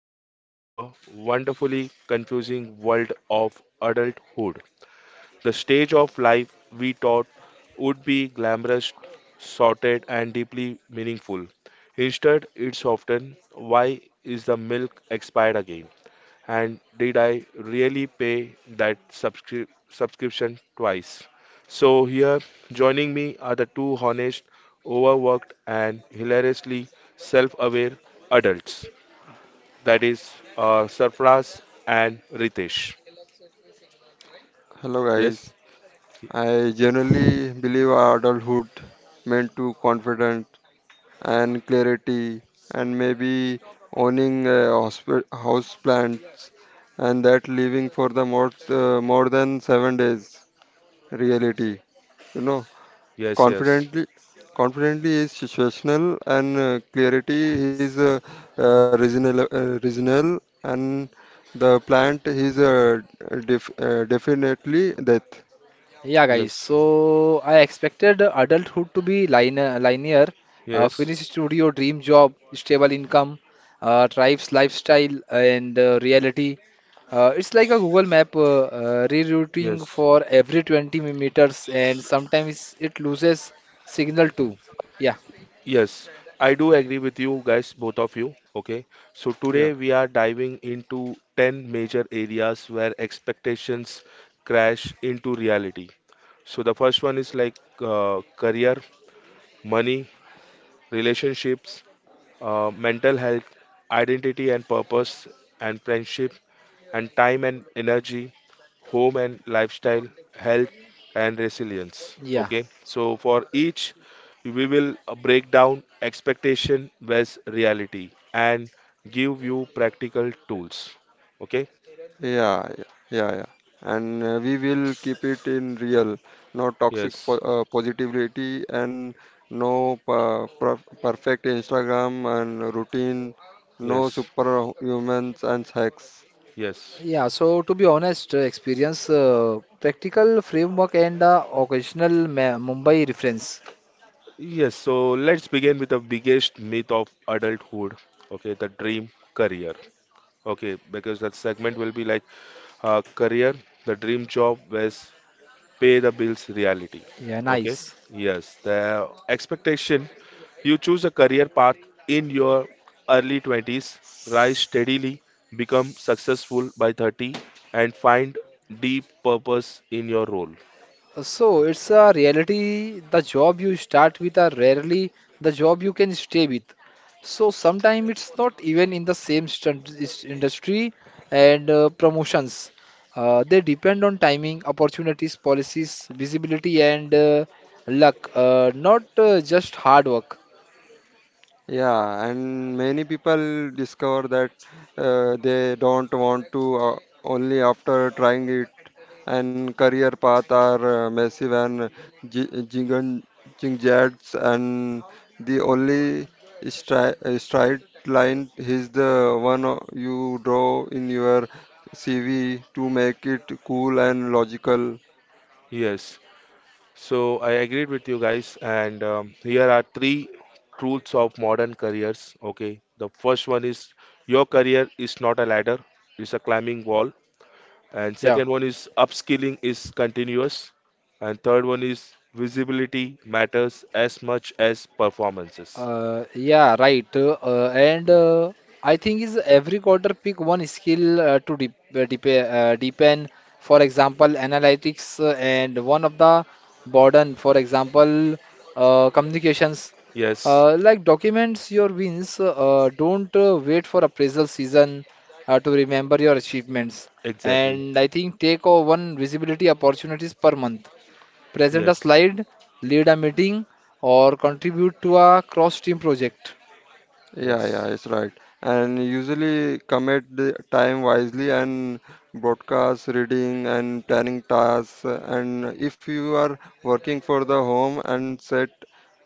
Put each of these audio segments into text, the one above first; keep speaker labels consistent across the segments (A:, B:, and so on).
A: stepping into the wonderfully confusing world of adulthood. The stage of life we thought would be glamorous, sorted, and deeply meaningful. Instead, it's often, "Why is the milk expired again?" and, "Did I really pay that subscription twice?" So, here joining me are the two honest, overworked, and hilariously self aware adults, that is, Sarfraz and Ritesh.
B: Hello
A: Yes,
B: guys.
A: Y-
B: I generally believe adulthood meant to confidence and clarity and maybe owning a house plants and that living for the more more than 7 days reality you know
A: yes, yes,
B: confidently confidently is situational and clarity is reasonable and the plant is definitely death.
C: Yeah, guys.
A: yes,
C: So I expected adulthood to be linear,
A: yes,
C: finished studio, dream job, stable income, tribe's lifestyle, and reality. It's like a Google map rerouting
A: yes.
C: for every 20 meters, and sometimes it loses signal too. Yeah.
A: Yes, I do agree with you guys, both of you. Okay, so today
B: Yeah,
A: we are diving into 10 major areas where expectations crash into reality. So the first one is like career, money, relationships, mental health, identity and purpose, and friendship, and time and energy, home and lifestyle, health and resilience.
C: Yeah,
A: Okay, so for each, we will break down expectation versus reality and give you practical tools. Okay,
B: yeah, yeah, yeah, yeah. And we will keep it in real, no toxic
A: yes,
B: po positivity and no perfect Instagram and routine, no
A: yes,
B: superhumans and hacks.
A: yes.
C: yeah. So to be honest, experience practical framework and occasional Ma Mumbai reference.
A: Yes, so let's begin with the biggest myth of adulthood. Okay, the dream career. Okay, because that segment will be like career, the dream job, where pay the bills reality.
C: Yeah,
A: Okay,
C: nice.
A: yes, the expectation: you choose a career path in your early 20s, rise steadily, become successful by 30, and find deep purpose in your role.
C: So it's a reality. The job you start with are rarely the job you can stay with. So sometimes it's not even in the same st industry and promotions. They depend on timing, opportunities, policies, visibility, and luck, not just hard work.
B: Yeah, and many people discover that they don't want to, only after trying it, and career path are massive and jing jingjads. And the only stri straight line is the one you draw in your CV to make it cool and logical.
A: Yes, so I agreed with you guys, and here are three truths of modern careers. Okay, the first one is your career is not a ladder, it's a climbing wall. And
C: Yeah.
A: second one is upskilling is continuous, and third one is visibility matters as much as performances.
C: Yeah, right. And I think is every quarter pick one skill to dep dep deepen. For example, analytics and one of the burden. For example, communications.
A: Yes,
C: Like documents your wins. Don't wait for appraisal season to remember your achievements.
A: exactly.
C: And I think take one visibility opportunities per month, present a
A: Yes,
C: slide, lead a meeting, or contribute to a cross-team project.
B: Yeah, yeah,
A: yes,
B: it's right. And usually commit the time wisely and broadcast reading and planning tasks. And if you are working for the home and set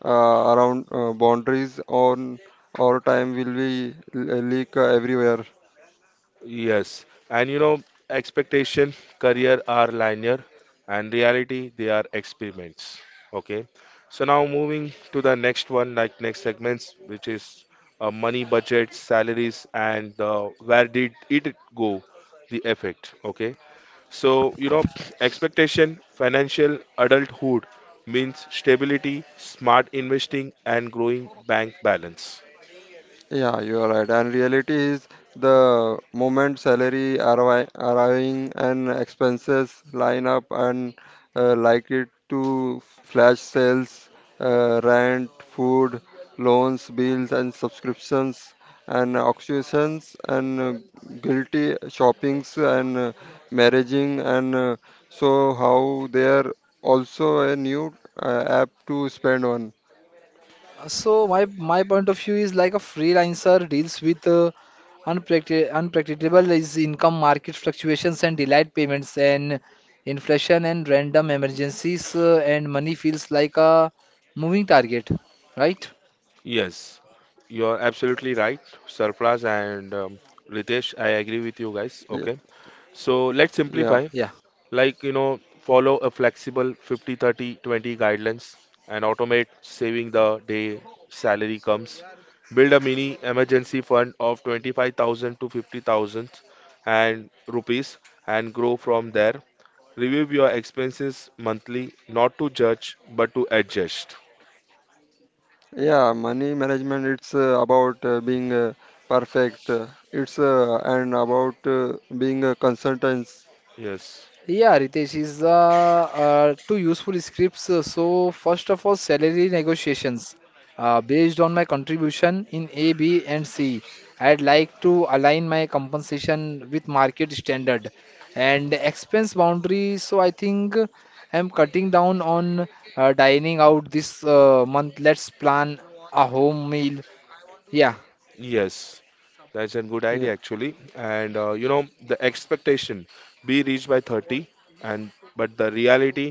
B: around boundaries on our time will be leak everywhere.
A: yes. And expectation, career are linear, and reality, they are experiments. Okay. So now moving to the next one, like next segments, which is money, budget, salaries, and where did it go, the effect. Okay. So, expectation, financial adulthood means stability, smart investing, and growing bank balance.
B: Yeah, you are right. And reality is the moment salary arriving and expenses line up and, like it to flash sales, rent, food, loans, bills, and subscriptions and auctions and guilty shoppings and marrying and, so how they are also a new app to spend on.
C: So my point of view is like a freelancer deals with unpredictable is income, market fluctuations, and delayed payments, and inflation and random emergencies, and money feels like a moving target, right?
A: Yes, you're absolutely right, Sarfraz and Ritesh. I agree with you
B: Yeah.
A: guys. Okay, so let's
B: Yeah.
A: simplify.
C: Yeah.
A: Like, follow a flexible 50 30 20 guidelines and automate saving the day salary comes. Build a mini emergency fund of 25,000 to 50,000 and rupees, and grow from there. Review your expenses monthly, not to judge but to adjust.
B: Yeah, money management it's about being perfect. It's, and about being a consultant.
A: Yes,
C: Yeah, Ritesh is two useful scripts. So first of all, salary negotiations. Based on my contribution in A, B, and C, I'd like to align my compensation with market standard and expense boundary. So I think I'm cutting down on dining out this month. Let's plan a home meal. Yeah,
A: yes. That's a
B: Yeah,
A: good idea, actually. And the expectation: be reached by 30, and but the reality,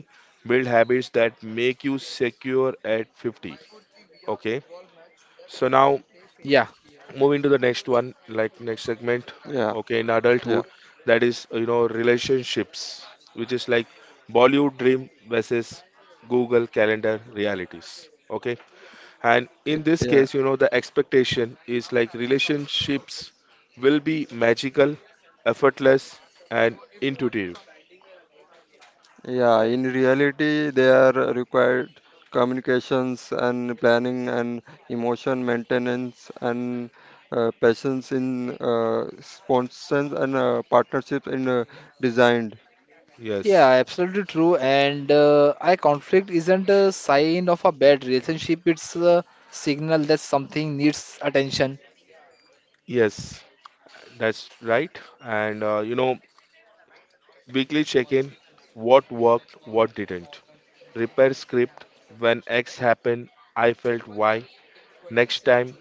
A: build habits that make you secure at 50. Okay, so now
C: yeah.
A: moving to the next one, like next segment.
B: yeah,
A: Okay, in adulthood,
B: yeah,
A: that is, relationships, which is like Bollywood dream versus Google Calendar realities. Okay, and in this
B: yeah.
A: case, the expectation is like relationships will be magical, effortless, and intuitive.
B: Yeah, in reality, they are required communications and planning and emotion maintenance and passions in sponsors and partnerships in design.
C: Yeah,
A: Yes,
C: absolutely true. And I conflict isn't a sign of a bad relationship, it's a signal that something needs attention.
A: yes, that's right. And weekly check in, what worked, what didn't. Repair script: when X happened, I felt Y. Next time,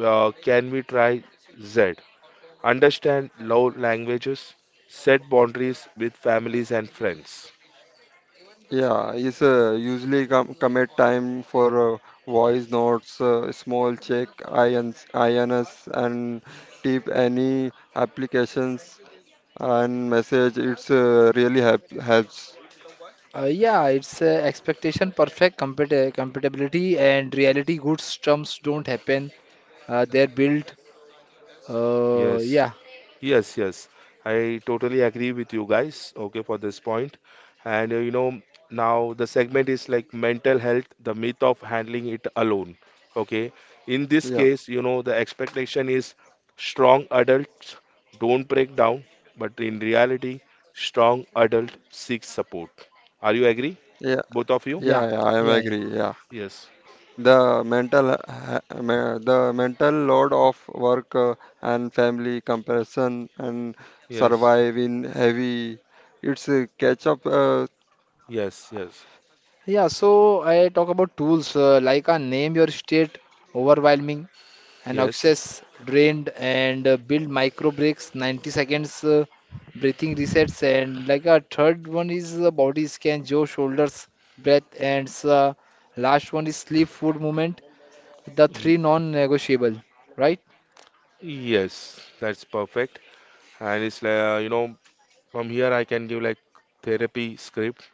A: can we try Z? Understand love languages, set boundaries with families and friends.
B: Yeah, it's usually commit time for, voice notes, small check, INS, INS, and tip any applications and message. It's really helps.
C: Yeah, it's expectation, perfect compatibility, and reality. Good terms don't happen, they're built.
A: Yes.
C: Yeah,
A: Yes, yes. I totally agree with you guys, okay, for this point. And now the segment is like mental health, the myth of handling it alone, okay. In this
B: Yeah,
A: case, the expectation is strong adults don't break down, but in reality, strong adult seeks support. Are you agree,
B: yeah,
A: both of you?
C: yeah,
B: yeah, yeah. I am
C: yeah, yeah.
B: agree. Yeah.
A: Yes,
B: The mental load of work and family comparison and
A: yes,
B: surviving heavy. It's a catch up.
A: yes, yes,
C: Yeah, so I talk about tools like a name your state overwhelming. And
A: yes,
C: access drained, and build micro breaks, 90 seconds breathing resets. And like a third one is body scan, jaw, shoulders, breath. And last one is sleep, food, movement, the
A: y-
C: three non-negotiable, right?
A: yes. That's perfect. And it's like, from here, I can give like therapy script,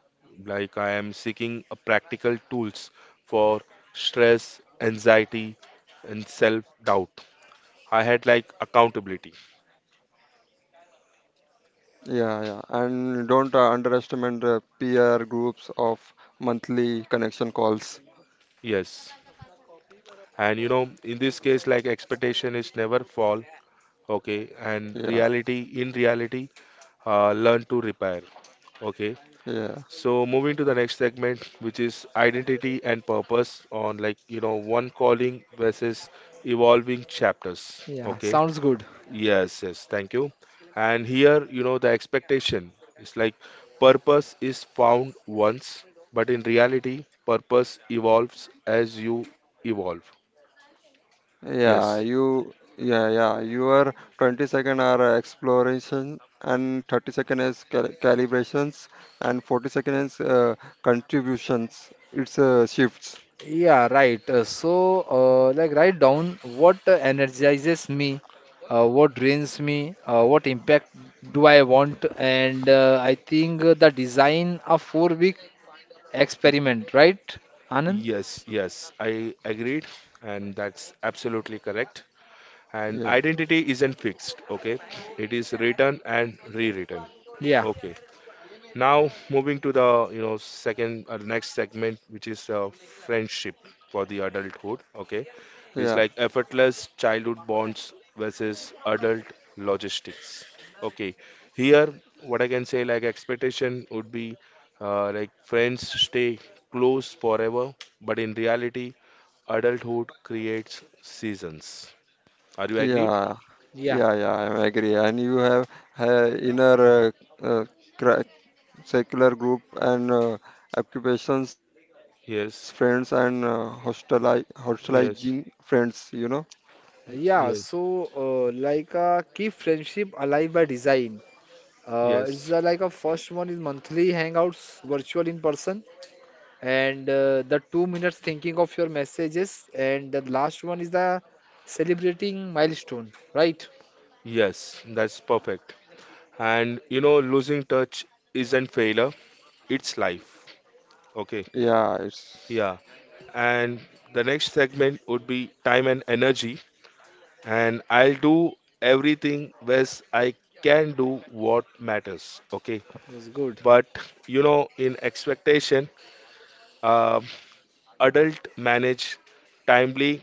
A: like I am seeking a practical tools for stress, anxiety, and self-doubt. I had like accountability.
B: Yeah, yeah. And don't underestimate the peer groups of monthly connection calls.
A: Yes. And in this case, like expectation is never fall. Okay. And
B: Yeah,
A: in reality, learn to repair. Okay.
B: yeah.
A: So moving to the next segment, which is identity and purpose on, like, one calling versus evolving chapters.
C: Yeah,
A: Okay.
C: sounds good.
A: Yes, yes, thank you. And here, the expectation is like purpose is found once, but in reality, purpose evolves as you evolve.
B: Yeah,
A: Yes,
B: your 20-second are exploration and 30 second is calibrations and 40 second is contributions. It's shifts.
C: Yeah, right. Like, write down what energizes me, what drains me, what impact do I want, and I think the design of four-week
A: y-
C: experiment, right, Anand?
A: yes, yes, I agreed, and that's absolutely correct. And
B: Yeah.
A: identity isn't fixed, okay? It is written and rewritten.
C: Yeah,
A: Okay. Now moving to the, second next segment, which is friendship for the adulthood. Okay, it's
B: Yeah,
A: like effortless childhood bonds versus adult logistics. Okay, here what I can say, like, expectation would be like friends stay close forever, but in reality, adulthood creates seasons. Are you agreed?
B: yeah,
C: yeah,
B: yeah, yeah, I agree. And you have inner uh, cra- secular group and occupations friends and
A: Yes,
B: hostelizing
A: yes,
B: friends, you know?
C: yeah.
A: yes,
C: So, like, keep friendship alive by design. It's
A: yes,
C: like a first one is monthly hangouts, virtual in person, and the 2 minutes thinking of your messages, and the last one is the celebrating milestone, right?
A: yes. That's perfect. And losing touch isn't failure, it's life. Okay,
B: Yeah, it's
A: yeah. And the next segment would be time and energy. And I'll do everything best I can, do what matters. Okay,
C: That's good.
A: but in expectation, um adult manage timely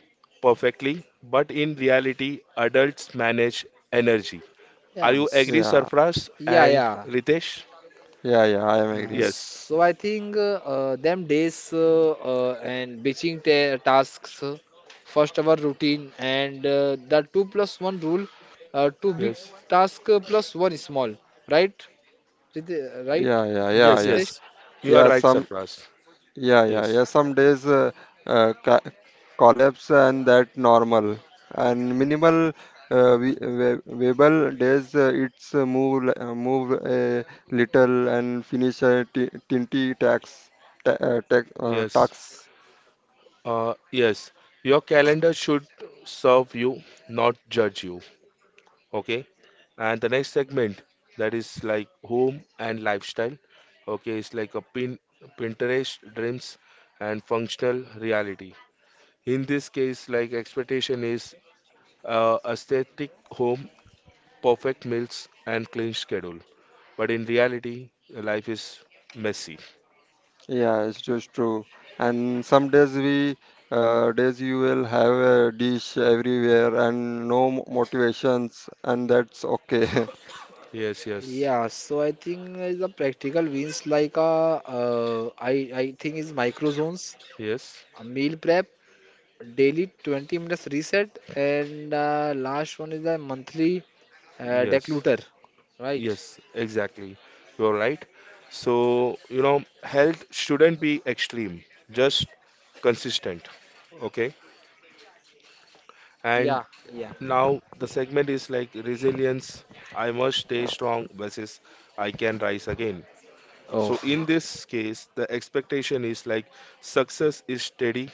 A: perfectly, but in reality, adults manage energy. Are
C: Yeah,
A: you agree,
C: s-
B: yeah,
A: Sarfraz
C: yeah,
A: and
C: yeah.
A: Ritesh?
B: yeah, yeah, I am
C: Yeah,
B: agree.
A: Yes,
C: so I think them days and batching ta tasks, first hour routine, and the two plus one rule, two big
A: yes.
C: task plus one small, right? Right,
B: Yeah, yeah, yeah,
A: Yes,
B: yeah.
C: Ritesh?
A: yes. You are
B: Yeah,
A: right,
B: some
A: Sarfraz.
B: yeah, yeah,
A: Yes,
B: yeah. Some days ca collapse and that normal and minimal viable days, move a little and finish a ti- tinty tax ta tax
A: yes,
B: tax.
A: yes. Your calendar should serve you, not judge you. Okay. And the next segment, that is, like home and lifestyle. Okay, it's like a Pinterest dreams and functional reality. In this case, like expectation is aesthetic home, perfect meals, and clean schedule. But in reality, life is messy.
B: Yeah, it's just true. And some days you will have a dish everywhere and no motivations, and that's okay.
A: Yes, yes,
C: Yeah, so I think the practical wins like I think is micro zones,
A: yes.
C: a meal prep, daily 20 minutes reset, and last one is the monthly
A: Yes,
C: declutter, right?
A: yes, exactly. You're right. So, health shouldn't be extreme, just consistent. Okay. And
C: Yeah, yeah.
A: now the segment is like resilience. I must stay strong versus I can rise again. So,
C: Okay.
A: in this case, the expectation is like success is steady,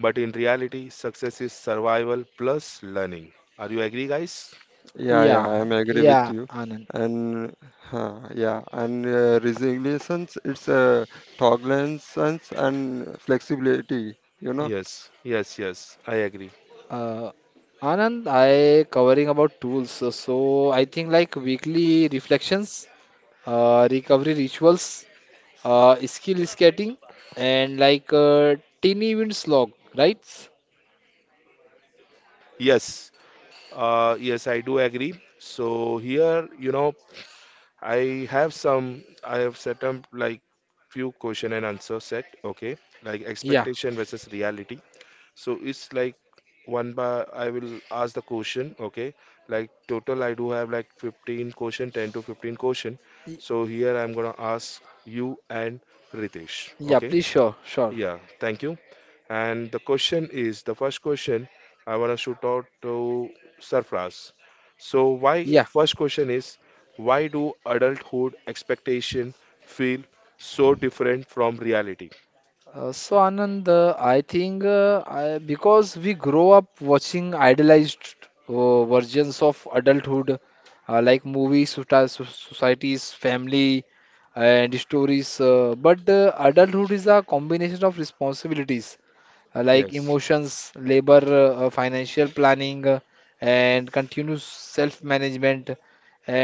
A: but in reality, success is survival plus learning. Are you agree, guys?
B: Yeah,
C: Yeah,
B: yeah, I'm agree with
C: yeah,
B: you.
C: Anand.
B: And yeah, and resilience, it's tolerance and flexibility, you know?
A: Yes, yes, yes, I agree.
C: Uh, Anand, I covering about tools. So I think like weekly reflections, recovery rituals, skill skating, and like teeny wins log, right?
A: Yes, yes, I do agree. So here, I have set up like few question and answer set, okay? Like
C: Yeah,
A: expectation versus reality. So it's like one by, I will ask the question, okay? Like total, I do have like 15 question, 10 to 15 question.
C: y-
A: So here I'm gonna ask you and Ritesh,
C: yeah,
A: okay?
C: please, sure, sure.
A: Yeah, thank you. And the question is, the first question I want to shoot out to Sarfraz. So, why,
C: Yeah.
A: first question is, why do adulthood expectation feel so different from reality?
C: So Anand, I think because we grow up watching idealized versions of adulthood, like movies, societies, family, and stories. But adulthood is a combination of responsibilities like
A: Yes,
C: emotions, labor, financial planning, and continuous self-management.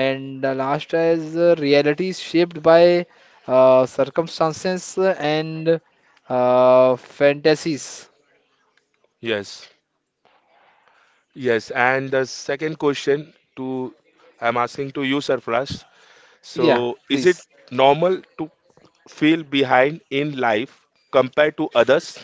C: And the last is reality is shaped by circumstances and fantasies.
A: yes, yes. And the second question to, I'm asking to you, Sarfraz.
C: Yeah,
A: So, is it
C: please.
A: normal to feel behind in life compared to others?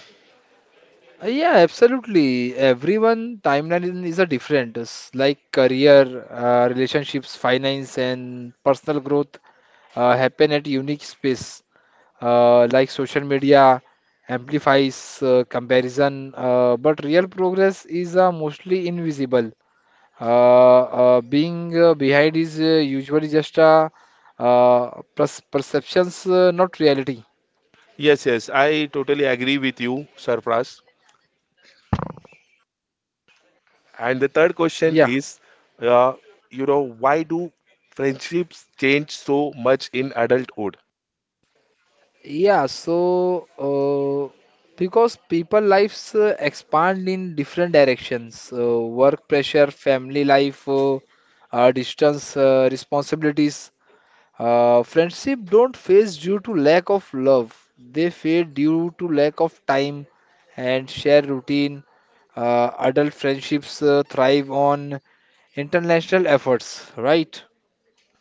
C: Yeah, absolutely. Everyone timeline is a different, like career, relationships, finance, and personal growth happen at unique space. Like social media amplifies comparison, but real progress is mostly invisible. Being Behind is usually just perceptions, not reality.
A: Yes, yes, I totally agree with you, Sarfraz. And the third question
C: Yeah.
A: is, uh, why do friendships change so much in adulthood?
C: Yeah, so uh, because people lives expand in different directions, work pressure, family life, distance, responsibilities. Friendship don't fade due to lack of love. They fade due to lack of time and shared routine. Adult friendships thrive on international efforts, right?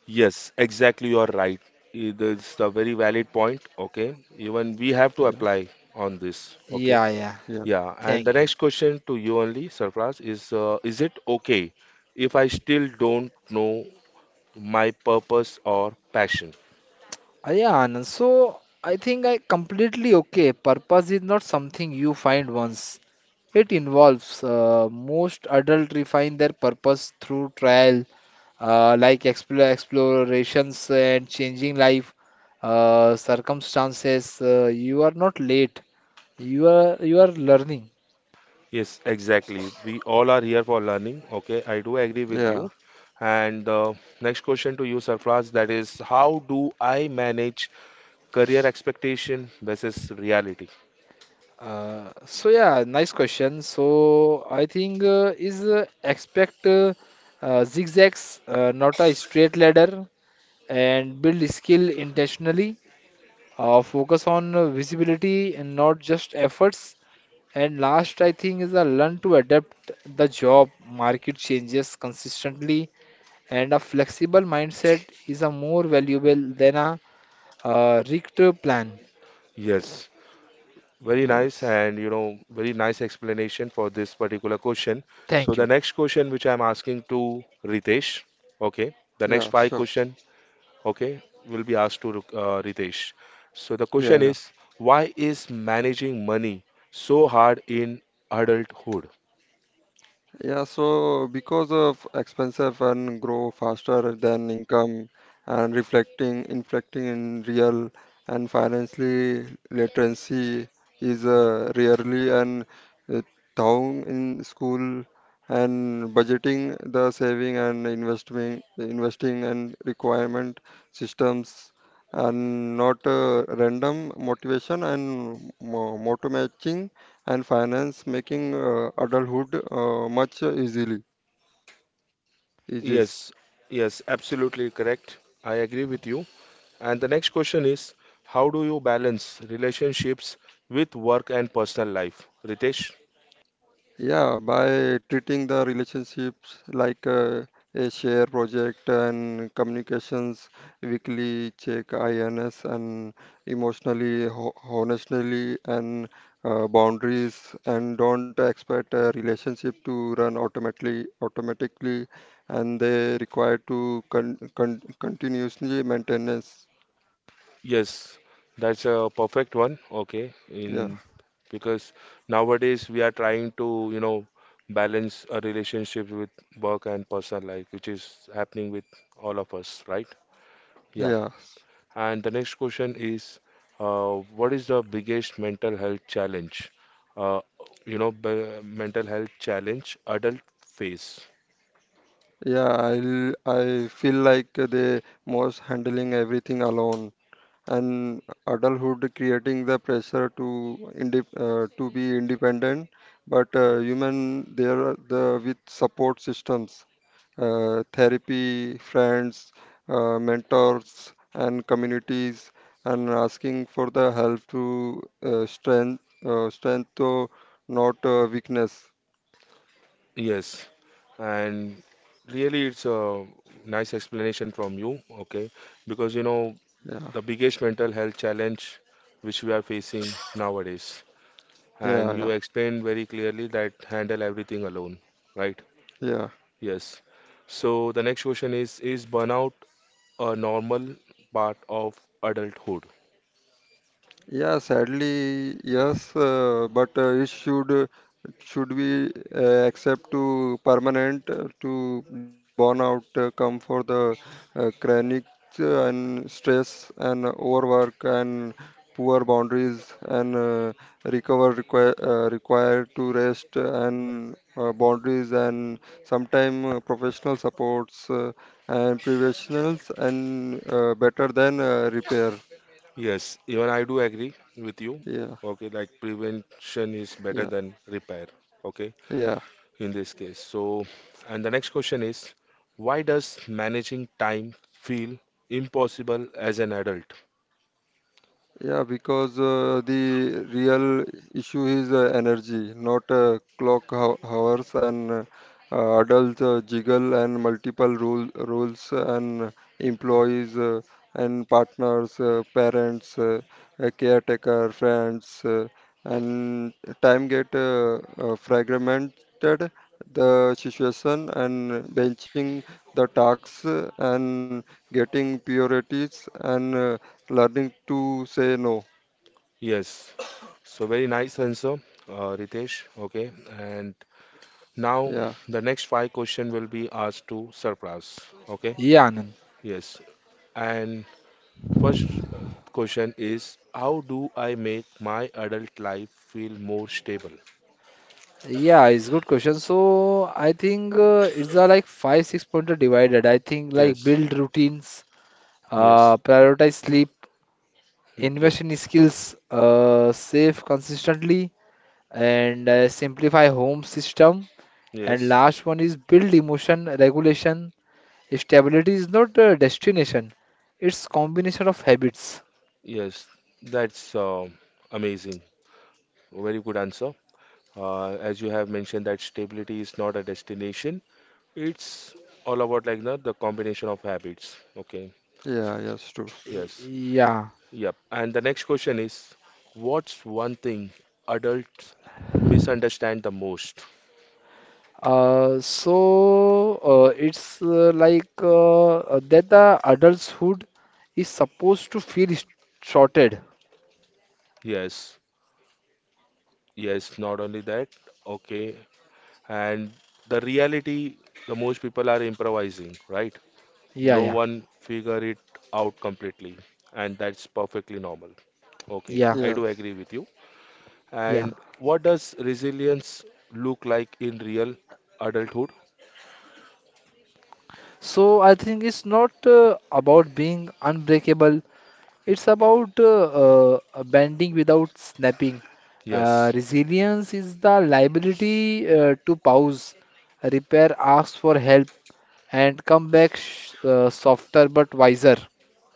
A: Yes, exactly. You're right. That's a very valid point. Okay. Even we have to
B: Yeah,
A: apply on this. Okay.
C: Yeah, yeah.
B: yeah,
A: Yeah. And the
C: Thank you.
A: next question to you only, Sarfraz, is it okay if I still don't know my purpose or passion?
C: Yeah, Anand. So I think I completely okay. Purpose is not something you find once. It involves most adults refine their purpose through trial, explorations and changing life circumstances. You are not late. You are learning.
A: Yes, exactly. We all are here for learning. Okay, I do agree with
B: yeah,
A: you. And next question to you, Sarfraz, that is, how do I manage career expectation versus reality?
C: So yeah, nice question. So I think is expect zigzags, not a straight ladder, and build skill intentionally. Focus on visibility and not just efforts. And last, I think is a learn to adapt the job market changes consistently, and a flexible mindset is a more valuable than a rigged plan.
A: Yes, very
B: yes.
A: nice, and very nice explanation for this particular question. So
C: Thank you.
A: the next question, which I'm asking to Ritesh, okay, the next
B: Yeah,
A: five
B: sure.
A: question, okay, will be asked to Ritesh. So the
B: Yeah,
A: question
B: yeah.
A: is, why is managing money so hard in adulthood?
B: Yeah, so because of expensive and grow faster than income and reflecting inflecting in real and financially literacy is rarely and uh, down in school and budgeting the saving and investing and requirement systems, and not random motivation and motor and finance, making adulthood much easily easy.
A: Yes, yes, absolutely correct. I agree with you. And the next question is, how do you balance relationships with work and personal life, Ritesh?
B: Yeah, by treating the relationships like a share project and communications weekly check INS and emotionally ho honestly and boundaries, and don't expect a relationship to run automatically, and they require to continuously maintenance.
A: Yes, that's a perfect one. Okay,
B: Yeah,
A: in because nowadays we are trying to, balance a relationship with work and personal life, which is happening with all of us, right? Yeah.
B: yeah.
A: And the next question is, what is the biggest mental health challenge? Uh, you know, b mental health challenge adult face.
B: Yeah, I feel like they was handling everything alone, and adulthood creating the pressure to inde to be independent, but human there are the with support systems, therapy, friends, mentors, and communities, and asking for the help to strength to, not weakness.
A: Yes, and really it's a nice explanation from you, okay? Because you know
B: Yeah,
A: the biggest mental health challenge which we are facing nowadays.
B: yeah,
A: And
B: yeah,
A: you explained very clearly that handle everything alone, right?
B: yeah.
A: Yes. So the next question is: Is burnout a normal part of adulthood?
B: Yeah, sadly, yes, but it should we accept to permanent, to burn out come for the chronic, and stress and overwork and poor boundaries, and recover required to rest and boundaries, and sometime professional supports, and professionals, and better than repair.
A: Yes, even I do agree with you.
B: Yeah,
A: Okay, like prevention is better
B: yeah,
A: than repair. Okay,
B: yeah.
A: in this case. So, and the next question is: Why does managing time feel impossible as an adult?
B: Yeah, because the real issue is energy, not clock hours and adult jiggle and multiple rules and employees, and partners, parents, a caretaker, friends, and time get fragmented the situation, and benching the tasks, and getting priorities, and learning to say no.
A: Yes. So very nice answer, Ritesh. Okay. And now
B: Yeah,
A: the next five question will be asked to Sarfraz. Okay.
C: Yeah, Anand.
A: Yes. And first uh, question is, how do I make my adult life feel more stable?
C: Yeah, it's good question. So I think it's a like 5-6 pointer divided. I think like
A: Yes.
C: build routines,
A: Yes.
C: prioritize sleep,
A: Okay.
C: invest in skills, save consistently, and simplify home system. And
A: Yes.
C: last one is build emotion regulation. Stability is not a destination; it's combination of habits.
A: Yes. That's amazing. Very good answer. As you have mentioned, that stability is not a destination, it's all about like the combination of habits. Okay.
B: yeah, yes, true.
A: Yes.
C: Yeah.
A: Yep. And the next question is, what's one thing adults misunderstand the most?
C: So it's like That the adulthood is supposed to feel shorted.
A: Yes. Yes. Not only that. Okay. And the reality, the most people are improvising, right?
C: Yeah,
A: No
C: yeah,
A: one figure it out completely, and that's perfectly normal. Okay,
C: yeah,
A: I do agree
B: Yes,
A: with you.
C: yeah.
A: And
B: yeah,
A: what does resilience look like in real adulthood?
C: So I think it's not about being unbreakable. It's about bending without snapping.
A: Yes,
C: Resilience is the liability to pause, repair, ask for help, and come back sh softer but wiser.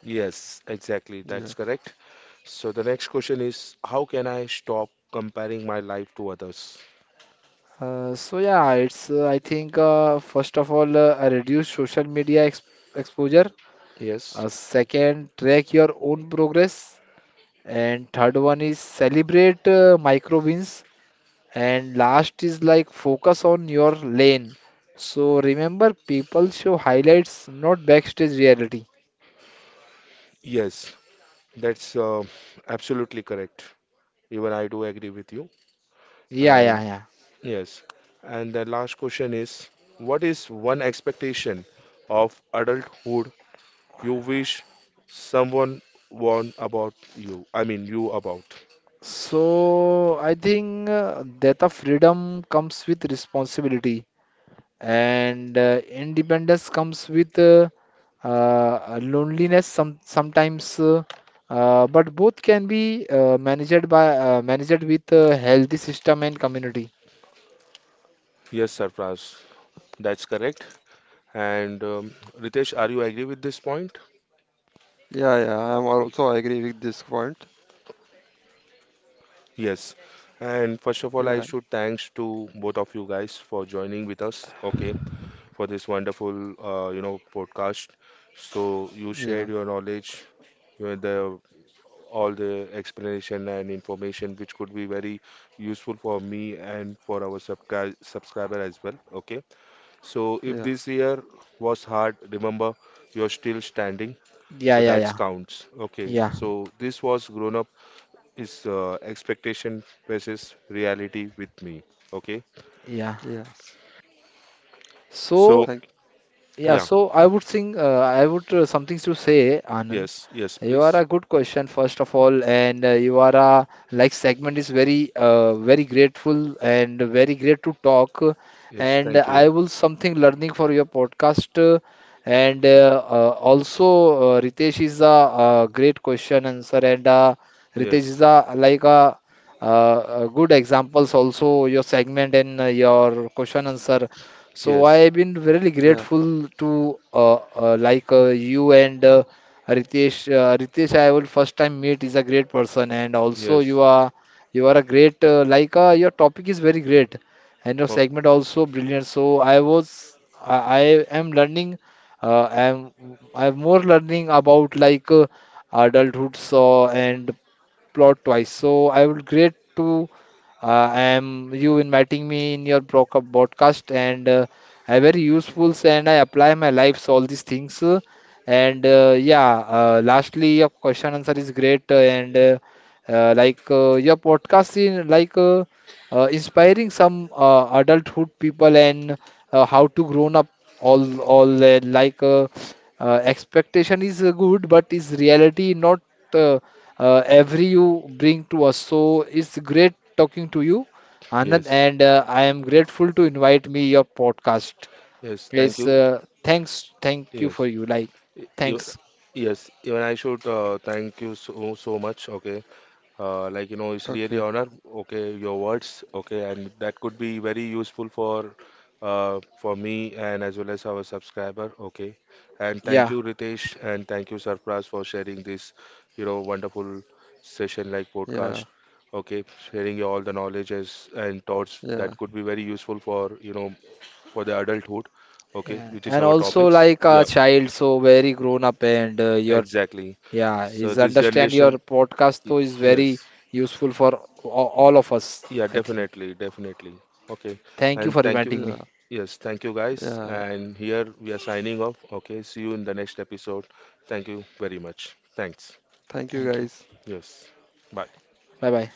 A: yes, exactly. That's
B: yeah,
A: correct. So the next question is, how can I stop comparing my life to others?
C: So yeah, it's I think first of all reduce social media ex exposure.
A: Yes,
C: Second, track your own progress, and third one is celebrate micro wins. And last is like focus on your lane. So remember, people show highlights, not backstage reality.
A: yes, that's absolutely correct. Even I do agree with you.
C: Yeah,
A: And
C: yeah, yeah.
A: yes, and the last question is, what is one expectation of adulthood you wish someone warned about you? I mean, you about.
C: So I think that of freedom comes with responsibility, and independence comes with loneliness sometimes, but both can be managed with a healthy system and community.
A: Yes, Sarfraz, that's correct. And Ritesh, are you agree with this point?
B: yeah, yeah. I'm
A: Y-
B: also agree with this point.
A: Yes. And first of all,
B: Yeah,
A: I should thanks to both of you guys for joining with us, okay, for this wonderful, podcast. So you
B: yeah,
A: shared your knowledge, the all the explanation and information which could be very useful for me and for our subscriber as well, okay. So if
B: yeah,
A: this year was hard, remember you're still standing,
C: Yeah,
A: so
C: yeah,
A: that's
C: yeah,
A: counts, okay.
C: yeah,
A: So this was Grown Up is expectation versus reality with me. Okay.
C: yeah.
B: yes.
C: So
A: So,
B: Thank.
C: yeah,
A: yeah.
C: so I would think, I would something to say, Anand.
A: Yes. Yes,
C: You are
A: please.
C: a good question, first of all, and you are a like segment is very grateful and very great to talk.
A: Yes.
C: And
A: Thank
C: I
A: you.
C: will something learning for your podcast. And Also, Ritesh is a, great question answer, and Ritesh is
A: Yes.
C: a like a, good examples also your segment and your question answer. So I
A: Yes.
C: have been really
B: Yeah.
C: grateful to like you and. Ritesh, I will first time meet is a great person, and also
A: Yes.
C: you are a great like your topic is very great, and your
A: Okay.
C: segment also brilliant. So I was I am learning, uh, I am I am more learning about like adulthood, so and plot twice. So I will great to I am you inviting me in your broadcast, and I very useful and I apply my lives all these things. And Yeah, lastly, your question answer is great. And Like your podcast is like inspiring some adulthood people and how to grown up all expectation is good, but is reality not uh, every you bring to us. So it's great talking to you, Anand,
A: Yes.
C: and I am grateful to invite me your podcast.
A: Yes. Thank
C: It's
A: you.
C: thanks, thank you for
A: Yes.
C: you. Like,
A: Even,
C: thanks.
A: yes. Even I should thank you so so much. Okay. Like it's
B: Okay.
A: really honor, okay, your words, okay, and that could be very useful for me and as well as our subscriber, okay, and thank
C: Yeah.
A: you Ritesh and thank you Sarfraz for sharing this wonderful session like podcast,
B: Yeah.
A: okay, sharing all the knowledges and thoughts that
B: Yeah.
A: could be very useful for you know for the adulthood, okay,
C: Yeah.
A: which is
C: And
A: our
C: also
A: topics,
C: like a
A: yeah,
C: child, so very grown up and your
A: exactly,
C: yeah,
A: so
C: is
A: this
C: understand your
A: generation
C: podcast
A: y-
C: though is
A: yes.
C: very useful for all of us,
A: Yeah,
C: I think.
A: definitely, definitely. Okay.
C: Thank you
A: And
C: for
A: thank you.
C: inviting me.
B: Yeah.
A: Yes, thank you guys.
B: Yeah.
A: And here we are signing off. Okay. See you in the next episode. Thank you very much. Thanks.
B: Thank you,
C: Thank you.
B: guys.
A: Yes. Bye.
C: Bye bye.